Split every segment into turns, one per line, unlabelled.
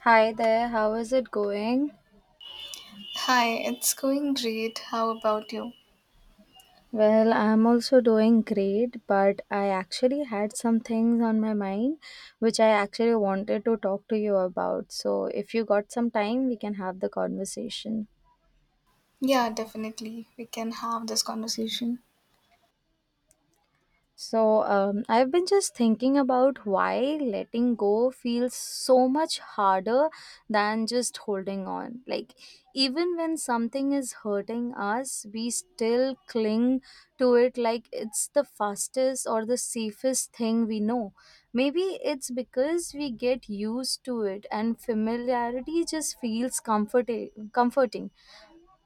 Hi there, how is it going?
Hi, it's going great. How about you?
Well, I'm also doing great, but I actually had some things on my mind which I actually wanted to talk to you about. So, if you got some time, we can have the conversation.
Yeah, definitely. We can have this conversation.
So, I've been just thinking about why letting go feels so much harder than just holding on. Like, even when something is hurting us, we still cling to it like it's the fastest or the safest thing we know. Maybe it's because we get used to it and familiarity just feels comforting,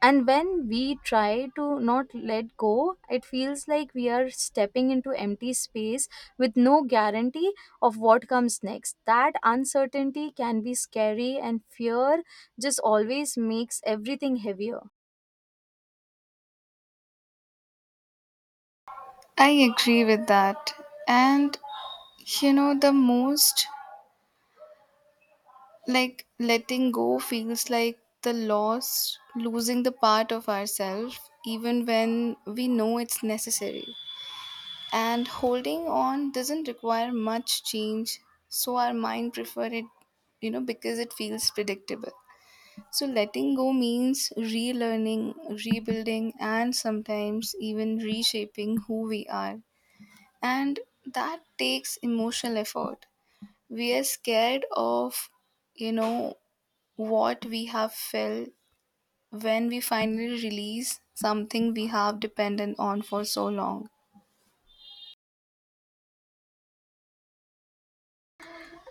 and when we try to not let go, it feels like we are stepping into empty space with no guarantee of what comes next. That uncertainty can be scary, and fear just always makes everything heavier.
I agree with that. And the most like letting go feels like the loss, losing the part of ourselves, even when we know it's necessary. And holding on doesn't require much change, so our mind prefer it, because it feels predictable. So letting go means relearning, rebuilding, and sometimes even reshaping who we are. And that takes emotional effort. We are scared of, you know, what we have felt when we finally release something we have dependent on for so long.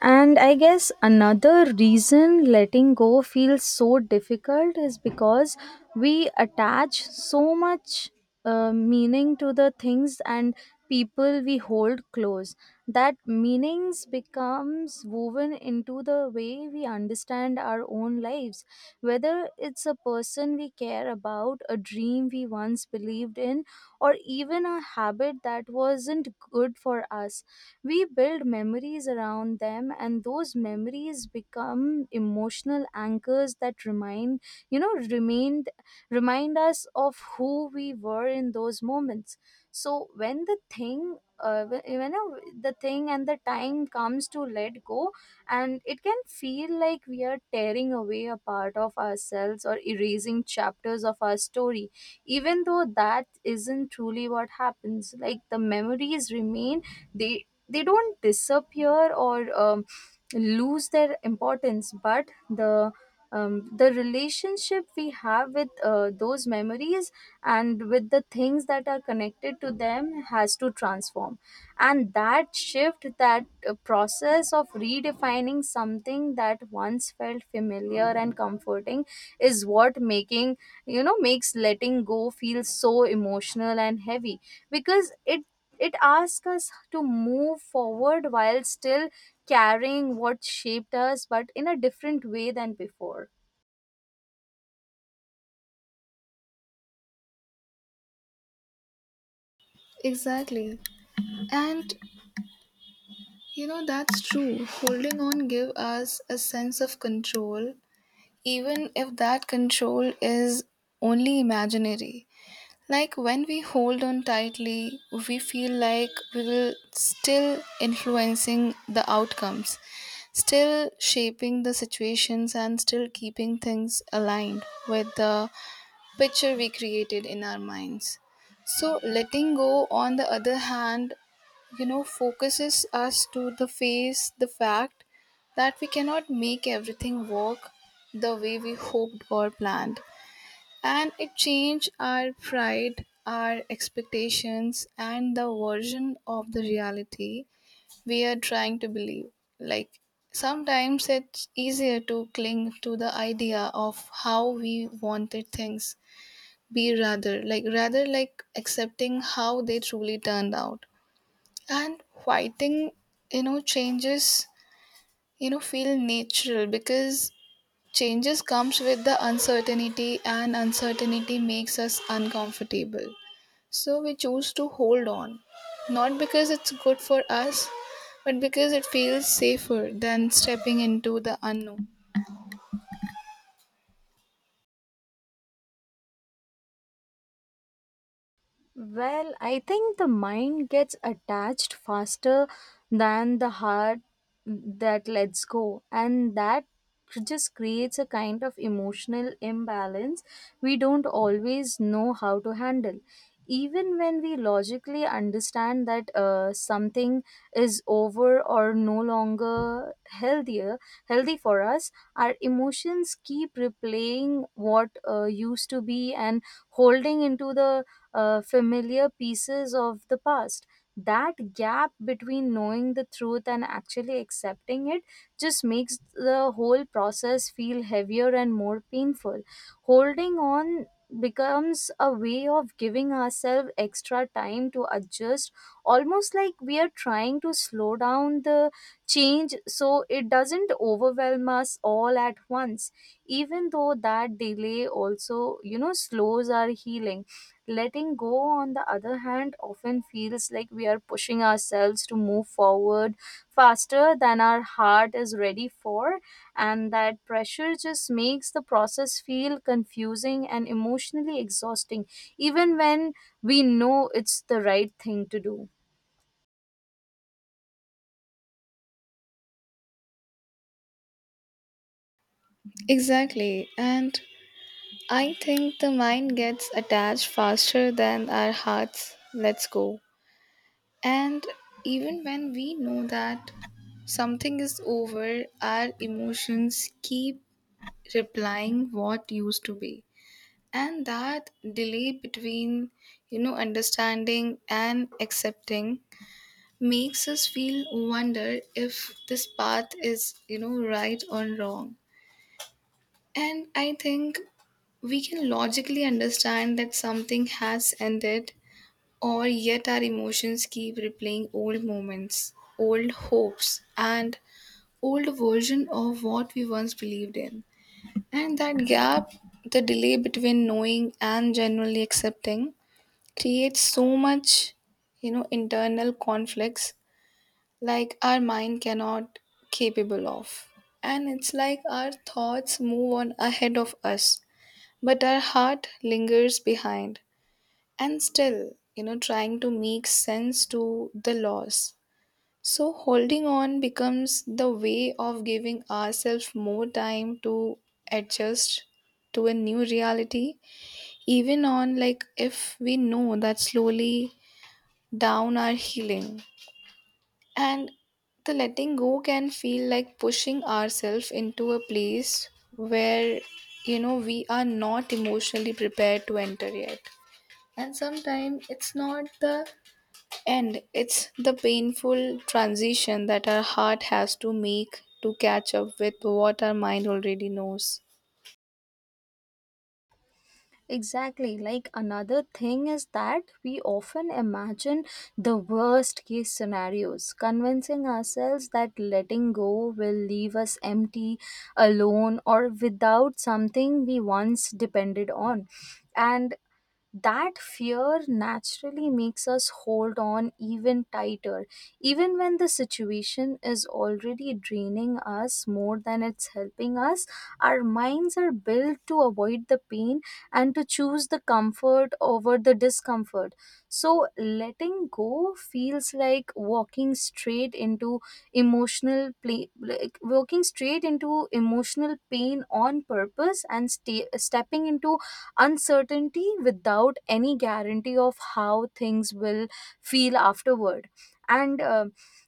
And I guess another reason letting go feels so difficult is because we attach so much meaning to the things and people we hold close, that meanings becomes woven into the way we understand our own lives. Whether it's a person we care about, a dream we once believed in, or even a habit that wasn't good for us, we build memories around them, and those memories become emotional anchors that remind you know remind remind us of who we were in those moments. So when the thing wh- when the thing and the time comes to let go, and it can feel like we are tearing away a part of ourselves or erasing chapters of our story, even though that isn't truly what happens. Like the memories remain, they they don't disappear or lose their importance, but the relationship we have with those memories and with the things that are connected to them has to transform. And that shift, that process of redefining something that once felt familiar and comforting, is what making you know makes letting go feel so emotional and heavy, because it asks us to move forward while still carrying what shaped us, but in a different way than before.
Exactly. And that's true. Holding on give us a sense of control even if that control is only imaginary. Like when we hold on tightly, we feel like we will still influencing the outcomes, still shaping the situations and still keeping things aligned with the picture we created in our minds. So, letting go, on the other hand, focuses us to the face the fact that we cannot make everything work the way we hoped or planned. And it changed our pride, our expectations, and the version of the reality we are trying to believe. Like, sometimes it's easier to cling to the idea of how we wanted things be rather like accepting how they truly turned out, and fighting changes feel natural because changes comes with the uncertainty, and uncertainty makes us uncomfortable, so we choose to hold on not because it's good for us but because it feels safer than stepping into the unknown.
Well, I think the mind gets attached faster than the heart that lets go, and that just creates a kind of emotional imbalance we don't always know how to handle. Even when we logically understand that something is over or no longer healthier, healthy for us, our emotions keep replaying what used to be, and holding into the familiar pieces of the past. That gap between knowing the truth and actually accepting it just makes the whole process feel heavier and more painful. Holding on becomes a way of giving ourselves extra time to adjust, almost like we are trying to slow down the change so it doesn't overwhelm us all at once, even though that delay also, you know, slows our healing. Letting go, on the other hand, often feels like we are pushing ourselves to move forward faster than our heart is ready for, and that pressure just makes the process feel confusing and emotionally exhausting, even when we know it's the right thing to do.
Exactly, and I think the mind gets attached faster than our hearts let's go. And even when we know that something is over, our emotions keep replying what used to be. And that delay between, understanding and accepting makes us feel wonder if this path is, right or wrong. And I think we can logically understand that something has ended, or yet our emotions keep replaying old moments, old hopes, and old version of what we once believed in. And that gap, the delay between knowing and genuinely accepting, creates so much, internal conflicts like our mind cannot capable of. And it's like our thoughts move on ahead of us but our heart lingers behind and still, trying to make sense to the loss. So holding on becomes the way of giving ourselves more time to adjust to a new reality, even on like if we know that slowly down our healing. And the letting go can feel like pushing ourselves into a place where we are not emotionally prepared to enter yet, and sometimes it's not the end, it's the painful transition that our heart has to make to catch up with what our mind already knows.
Exactly. Like another thing is that we often imagine the worst case scenarios, convincing ourselves that letting go will leave us empty, alone, or without something we once depended on. And that fear naturally makes us hold on even tighter, even when the situation is already draining us more than it's helping us. Our minds are built to avoid the pain and to choose the comfort over the discomfort. So, letting go feels like walking straight into emotional play, like walking straight into emotional pain on purpose and stepping into uncertainty without any guarantee of how things will feel afterward. And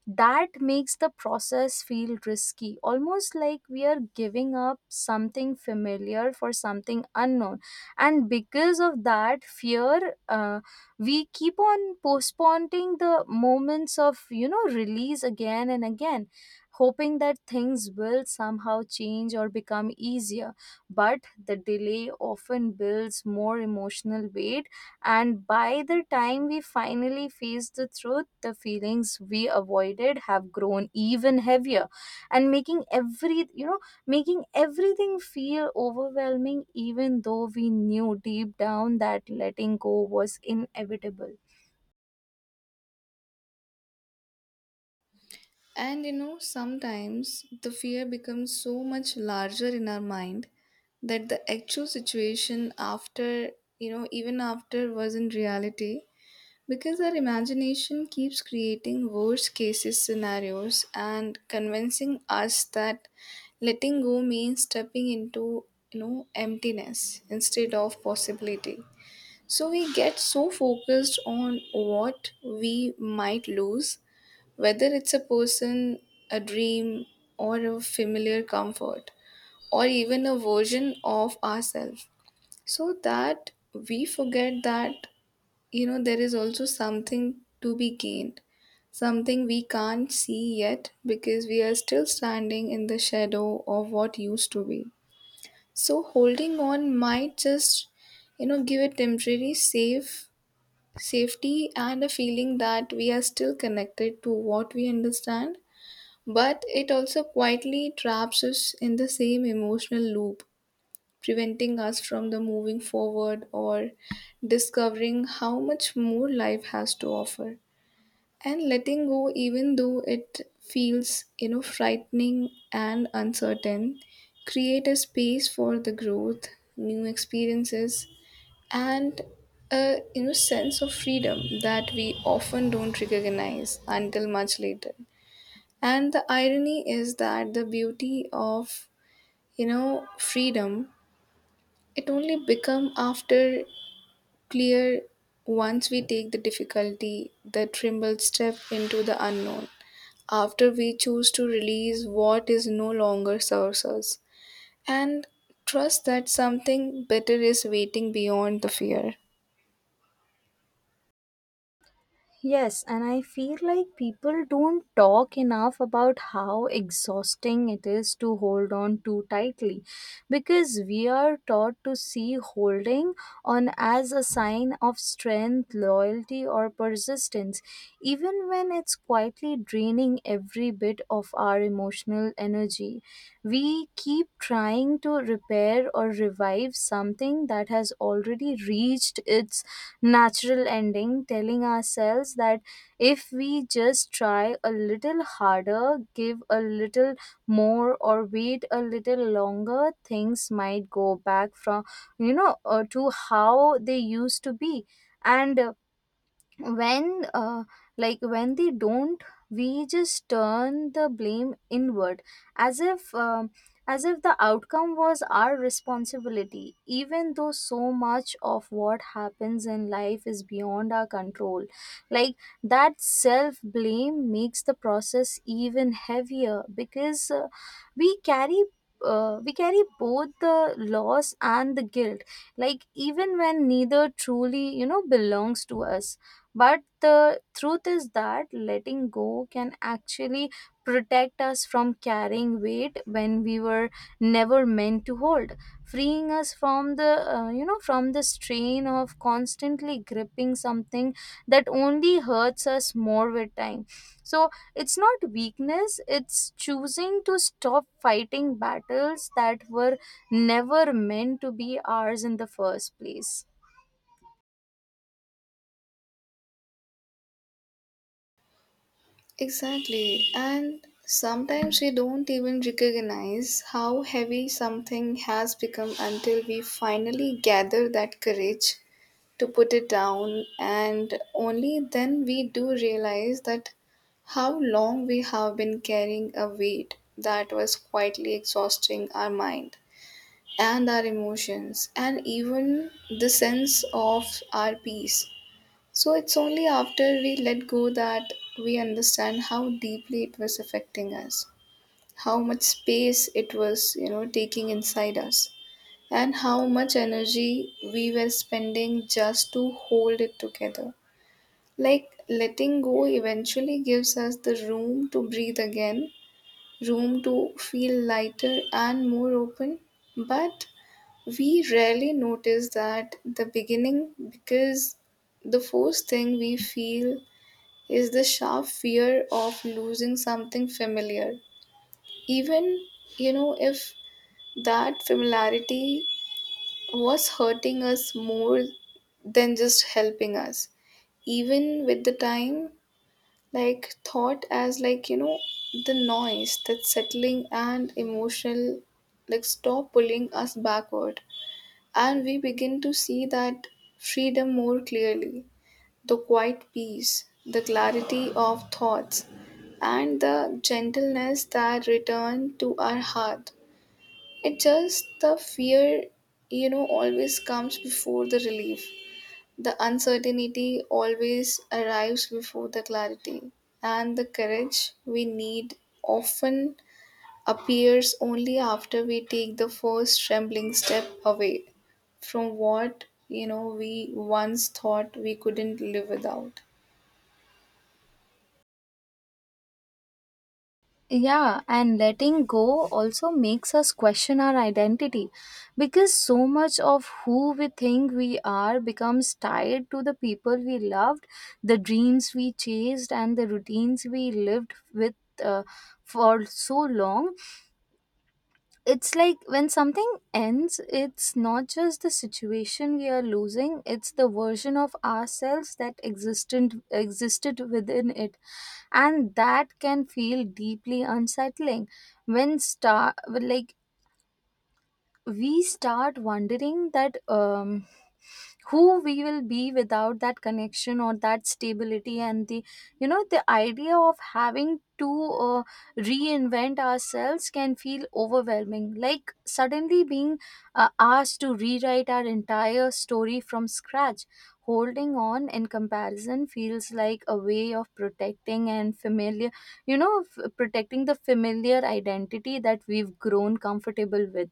that makes the process feel risky, almost like we are giving up something familiar for something unknown, and because of that fear, we keep on postponing the moments of, you know, release again and again, hoping that things will somehow change or become easier, but the delay often builds more emotional weight. And by the time we finally face the truth, the feelings we avoided have grown even heavier, and making everything feel overwhelming, even though we knew deep down that letting go was inevitable.
And sometimes the fear becomes so much larger in our mind that the actual situation after, even after was in reality. Because our imagination keeps creating worst cases scenarios and convincing us that letting go means stepping into emptiness instead of possibility. So we get so focused on what we might lose, whether it's a person, a dream, or a familiar comfort, or even a version of ourselves, so that we forget that there is also something to be gained, something we can't see yet because we are still standing in the shadow of what used to be. So holding on might just give a temporary safety and a feeling that we are still connected to what we understand, but it also quietly traps us in the same emotional loop, preventing us from the moving forward or discovering how much more life has to offer. And letting go, even though it feels frightening and uncertain, create a space for the growth, new experiences, and a sense of freedom that we often don't recognize until much later. And the irony is that the beauty of freedom, it only become after clear once we take the difficulty, the tremble step into the unknown, after we choose to release what is no longer serves us, and trust that something better is waiting beyond the fear.
Yes, and I feel like people don't talk enough about how exhausting it is to hold on too tightly, because we are taught to see holding on as a sign of strength, loyalty, or persistence, even when it's quietly draining every bit of our emotional energy. We keep trying to repair or revive something that has already reached its natural ending, telling ourselves that if we just try a little harder, give a little more, or wait a little longer, things might go back to how they used to be. And when like when they don't, we just turn the blame inward, as if um, as if the outcome was our responsibility, even though so much of what happens in life is beyond our control. Like that self blame makes the process even heavier, because we carry we carry both the loss and the guilt, like even when neither truly, you know, belongs to us. But the truth is that letting go can actually protect us from carrying weight when we were never meant to hold, freeing us from the from the strain of constantly gripping something that only hurts us more with time. So it's not weakness; it's choosing to stop fighting battles that were never meant to be ours in the first place.
Exactly. And sometimes we don't even recognize how heavy something has become until we finally gather that courage to put it down, and only then we do realize that how long we have been carrying a weight that was quietly exhausting our mind and our emotions and even the sense of our peace. So it's only after we let go that we understand how deeply it was affecting us, how much space it was, taking inside us, and how much energy we were spending just to hold it together. Like letting go eventually gives us the room to breathe again, room to feel lighter and more open, but we rarely notice that the beginning because the first thing we feel is the sharp fear of losing something familiar, even if that familiarity was hurting us more than just helping us, even with the time, like thought as like the noise that's settling and emotional like stop pulling us backward. And we begin to see that freedom more clearly: the quiet peace, the clarity of thoughts, and the gentleness that return to our heart. It just the fear, always comes before the relief. The uncertainty always arrives before the clarity. And the courage we need often appears only after we take the first trembling step away from what, we once thought we couldn't live without.
Yeah, and letting go also makes us question our identity, because so much of who we think we are becomes tied to the people we loved, the dreams we chased, and the routines we lived with uh, for so long. It's like when something ends, it's not just the situation we are losing, it's the version of ourselves that existent existed within it, and that can feel deeply unsettling when star like we start wondering that, who we will be without that connection or that stability. And the you know the idea of having to uh, reinvent ourselves can feel overwhelming, like suddenly being asked to rewrite our entire story from scratch. Holding on, in comparison, feels like a way of protecting and familiar you know f- protecting the familiar identity that we've grown comfortable with,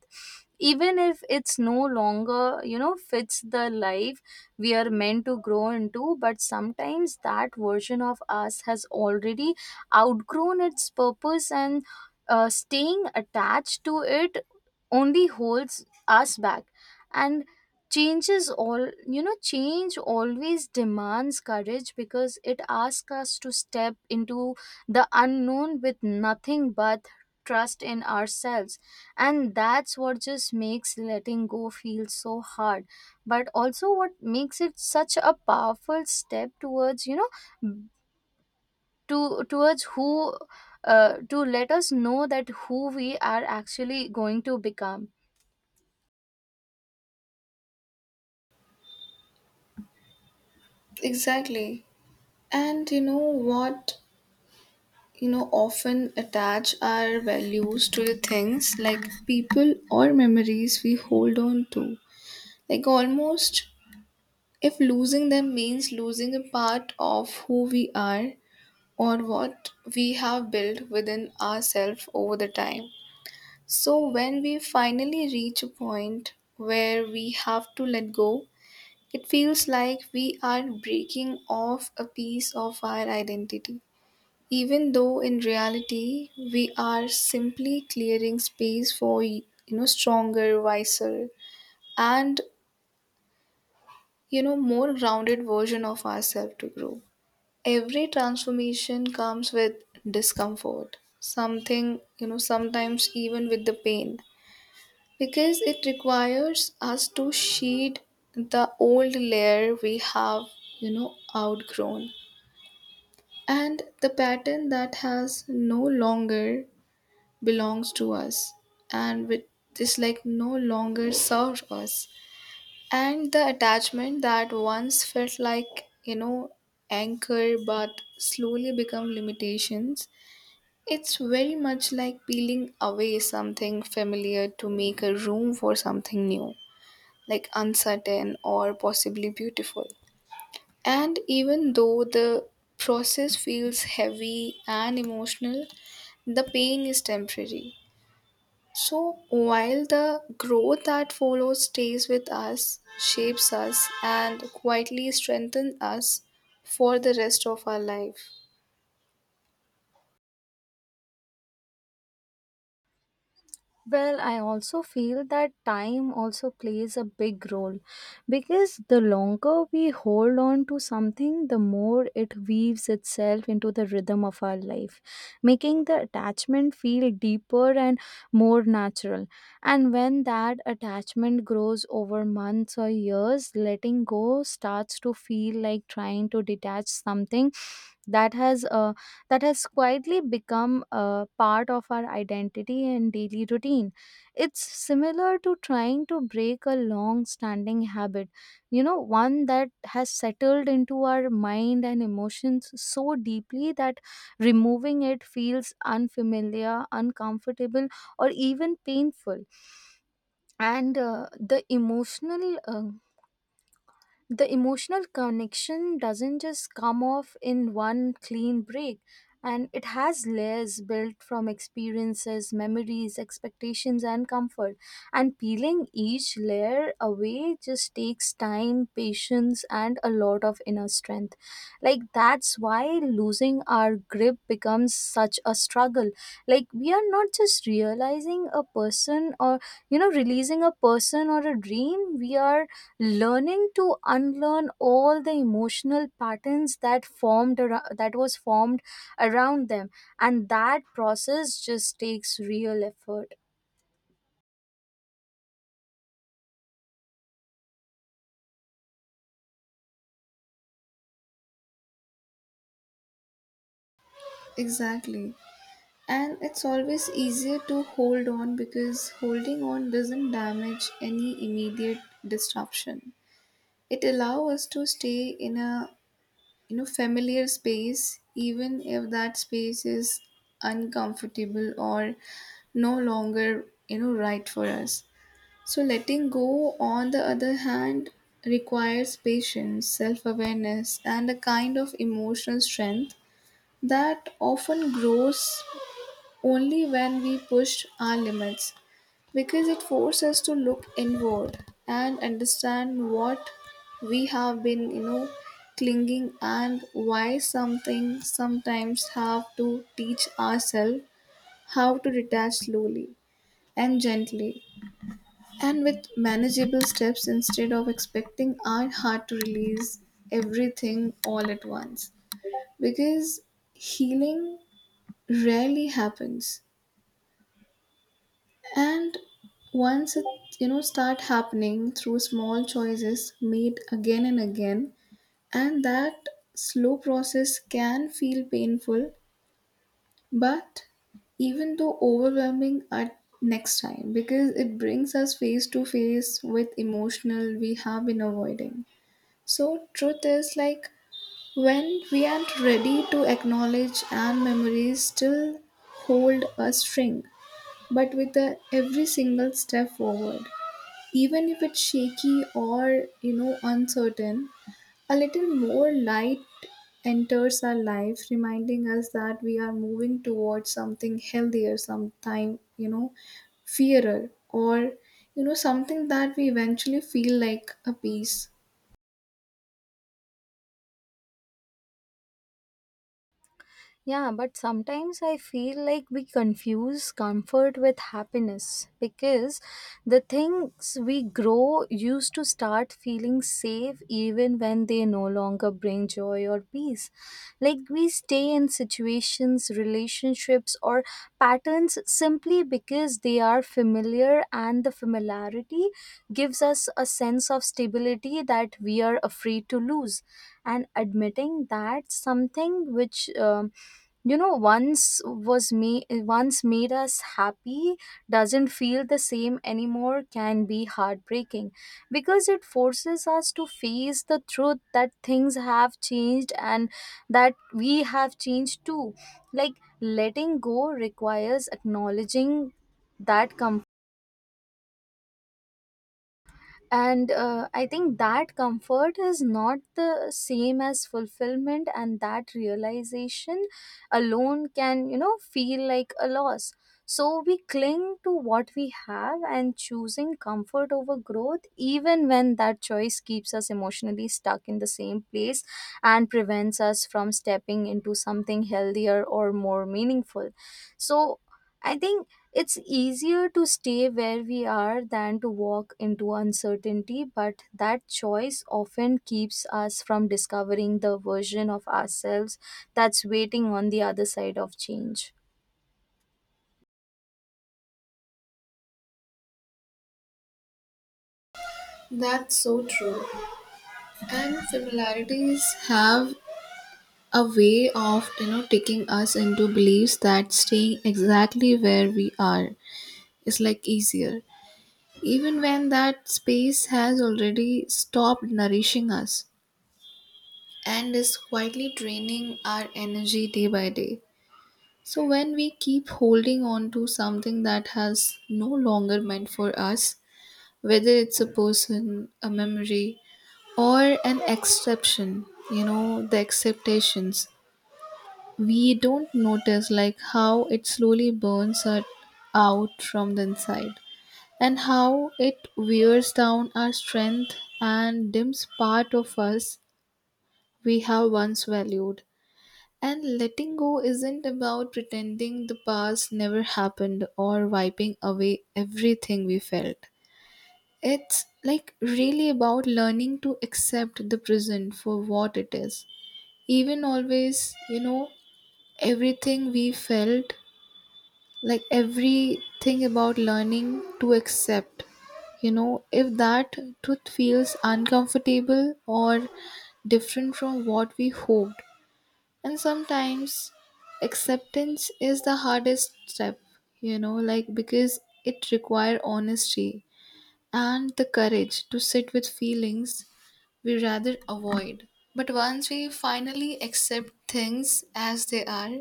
even if it's no longer, you know, fits the life we are meant to grow into. But sometimes that version of us has already outgrown its purpose, and staying attached to it only holds us back. And changes all you know change always demands courage, because it asks us to step into the unknown with nothing but trust in ourselves, and that's what just makes letting go feel so hard, but also what makes it such a powerful step towards, you know, to towards who, to let us know that who we are actually going to become.
Exactly. And you know what? Often attach our values to the things like people or memories we hold on to, like almost if losing them means losing a part of who we are or what we have built within ourselves over the time. So when we finally reach a point where we have to let go, it feels like we are breaking off a piece of our identity, even though in reality we are simply clearing space for stronger, wiser, and more grounded version of ourselves to grow. Every transformation comes with discomfort, something sometimes even with the pain, because it requires us to shed the old layer we have outgrown, and the pattern that has no longer belongs to us, and with this like no longer serves us, and the attachment that once felt like anchor but slowly become limitations. It's very much like peeling away something familiar to make a room for something new, like uncertain or possibly beautiful. And even though the process feels heavy and emotional, the pain is temporary, so, while the growth that follows stays with us, shapes us, and quietly strengthens us for the rest of our life.
Well, I also feel that time also plays a big role, because the longer we hold on to something, the more it weaves itself into the rhythm of our life, making the attachment feel deeper and more natural. And when that attachment grows over months or years, letting go starts to feel like trying to detach something that has uh, that has quietly become a part of our identity and daily routine. It's similar to trying to break a long standing habit, you know, one that has settled into our mind and emotions so deeply that removing it feels unfamiliar, uncomfortable, or even painful. And the emotional connection doesn't just come off in one clean break, and it has layers built from experiences, memories, expectations, and comfort, and peeling each layer away just takes time, patience, and a lot of inner strength. Like that's why losing our grip becomes such a struggle. Like we are not just realizing a person, or, you know, releasing a person or a dream, we are learning to unlearn all the emotional patterns that formed ar- that was formed around them, and that process just takes real effort.
Exactly. And it's always easier to hold on because holding on doesn't damage any immediate disruption. It allows us to stay in a familiar space even if that space is uncomfortable or no longer right for us. So, letting go, on the other hand, requires patience, self awareness, and a kind of emotional strength that often grows only when we push our limits, because it forces us to look inward and understand what we have been, clinging, and why something sometimes have to teach ourselves how to detach slowly and gently and with manageable steps instead of expecting our heart to release everything all at once. Because healing rarely happens. And once it start happening through small choices made again and again, and that slow process can feel painful, but even though overwhelming at next time because it brings us face to face with emotional we have been avoiding. So, truth is like when we aren't ready to acknowledge our memories still hold a string, but with the every single step forward, even if it's shaky or uncertain, a little more light enters our life, reminding us that we are moving towards something healthier, sometime fairer, or something that we eventually feel like a peace.
Yeah, but sometimes I feel like we confuse comfort with happiness, because the things we grow used to start feeling safe even when they no longer bring joy or peace. Like we stay in situations, relationships, or patterns simply because they are familiar, and the familiarity gives us a sense of stability that we are afraid to lose. And admitting that something which, once was me once made us happy doesn't feel the same anymore can be heartbreaking, because it forces us to face the truth that things have changed and that we have changed too. Like letting go requires acknowledging that comfort, and I think that comfort is not the same as fulfillment, and that realization alone can, you know, feel like a loss. So we cling to what we have, and choosing comfort over growth, even when that choice keeps us emotionally stuck in the same place and prevents us from stepping into something healthier or more meaningful. So I think it's easier to stay where we are than to walk into uncertainty, but that choice often keeps us from discovering the version of ourselves that's waiting on the other side of change.
That's so true. And similarities have a way of, taking us into beliefs that staying exactly where we are is like easier, even when that space has already stopped nourishing us and is quietly draining our energy day by day. So when we keep holding on to something that has no longer meant for us, whether it's a person, a memory, or an exception, the acceptations, we don't notice like how it slowly burns us out from the inside, and how it wears down our strength and dims part of us we have once valued. And letting go isn't about pretending the past never happened or wiping away everything we felt. It's like really about learning to accept the present for what it is. Even always, everything we felt, like everything about learning to accept if that truth feels uncomfortable or different from what we hoped. And sometimes acceptance is the hardest step, like because it requires honesty and the courage to sit with feelings we rather avoid. But once we finally accept things as they are,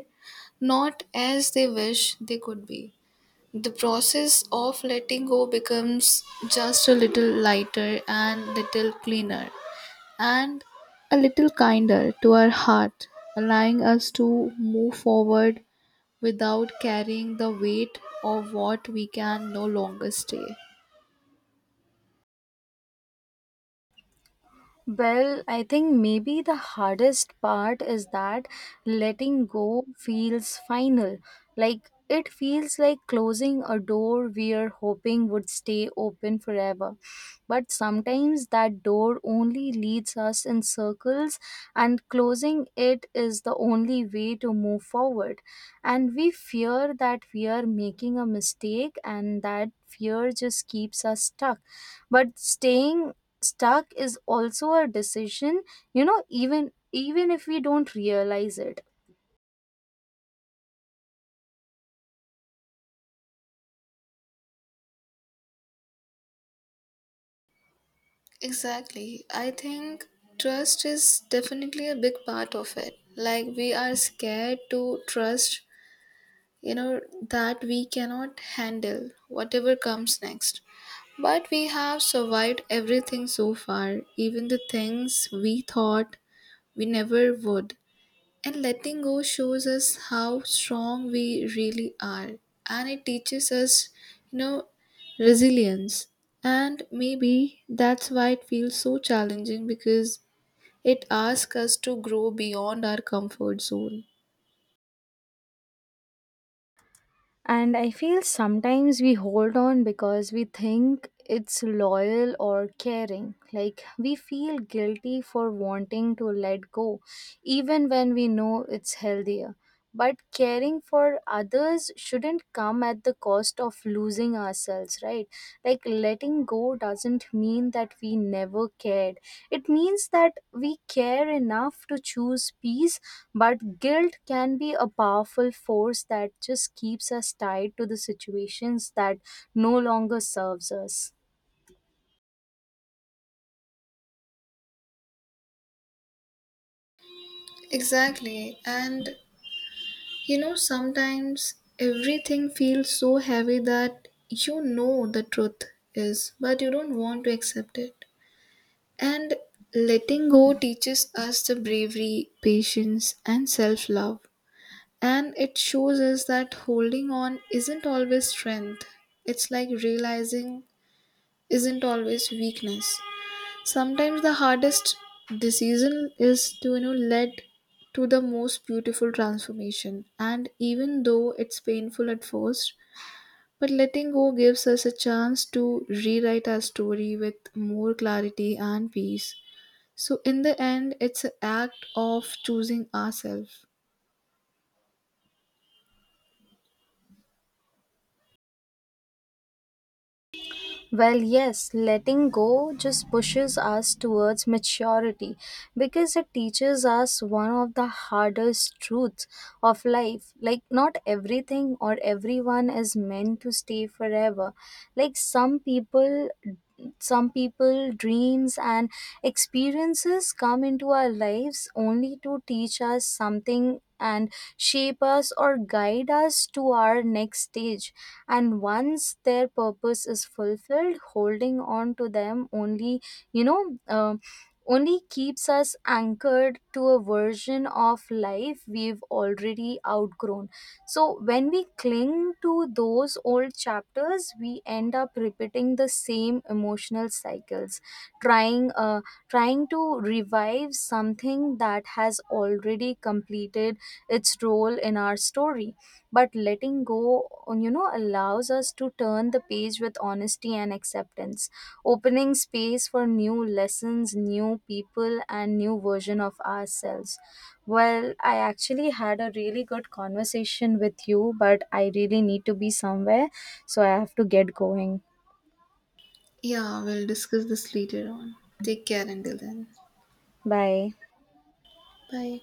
not as they wish they could be, the process of letting go becomes just a little lighter and little cleaner and a little kinder to our heart, allowing us to move forward without carrying the weight of what we can no longer stay.
Well, I think maybe the hardest part is that letting go feels final. Like it feels like closing a door we are hoping would stay open forever. But sometimes that door only leads us in circles, and closing it is the only way to move forward. And we fear that we are making a mistake, and that fear just keeps us stuck. But staying stuck is also a decision, you know, even if we don't realize it.
Exactly. I think trust is definitely a big part of it. Like, we are scared to trust you know that we cannot handle whatever comes next, but we have survived everything so far, even the things we thought we never would. And letting go shows us how strong we really are, and it teaches us you know resilience. And maybe that's why it feels so challenging, because it asks us to grow beyond our comfort zone.
And I feel sometimes we hold on because we think it's loyal or caring, like we feel guilty for wanting to let go even when we know it's healthier. But caring for others shouldn't come at the cost of losing ourselves, right? Like letting go doesn't mean that we never cared, it means that we care enough to choose peace. But guilt can be a powerful force that just keeps us tied to the situations that no longer serves us.
Exactly, and sometimes everything feels so heavy that the truth is, but you don't want to accept it. And letting go teaches us the bravery, patience, and self love. And it shows us that holding on isn't always strength, it's like realizing isn't always weakness. Sometimes the hardest decision is to lead to the most beautiful transformation, and even though it's painful at first, but letting go gives us a chance to rewrite our story with more clarity and peace. So in the end, it's an act of choosing ourselves.
Well, yes, letting go just pushes us towards maturity, because it teaches us one of the hardest truths of life. Like, not everything or everyone is meant to stay forever. Like, some people, dreams, and experiences come into our lives only to teach us something and shape us or guide us to our next stage, and once their purpose is fulfilled, holding on to them only, you know um only keeps us anchored to a version of life we've already outgrown. So when we cling to those old chapters, we end up repeating the same emotional cycles, trying uh, trying to revive something that has already completed its role in our story. But letting go, you know, allows us to turn the page with honesty and acceptance, opening space for new lessons, new people, and new version of ourselves. Well, I actually had a really good conversation with you, but I really need to be somewhere, so I have to get going.
Yeah, we'll discuss this later on. Take care until then.
Bye.
Bye.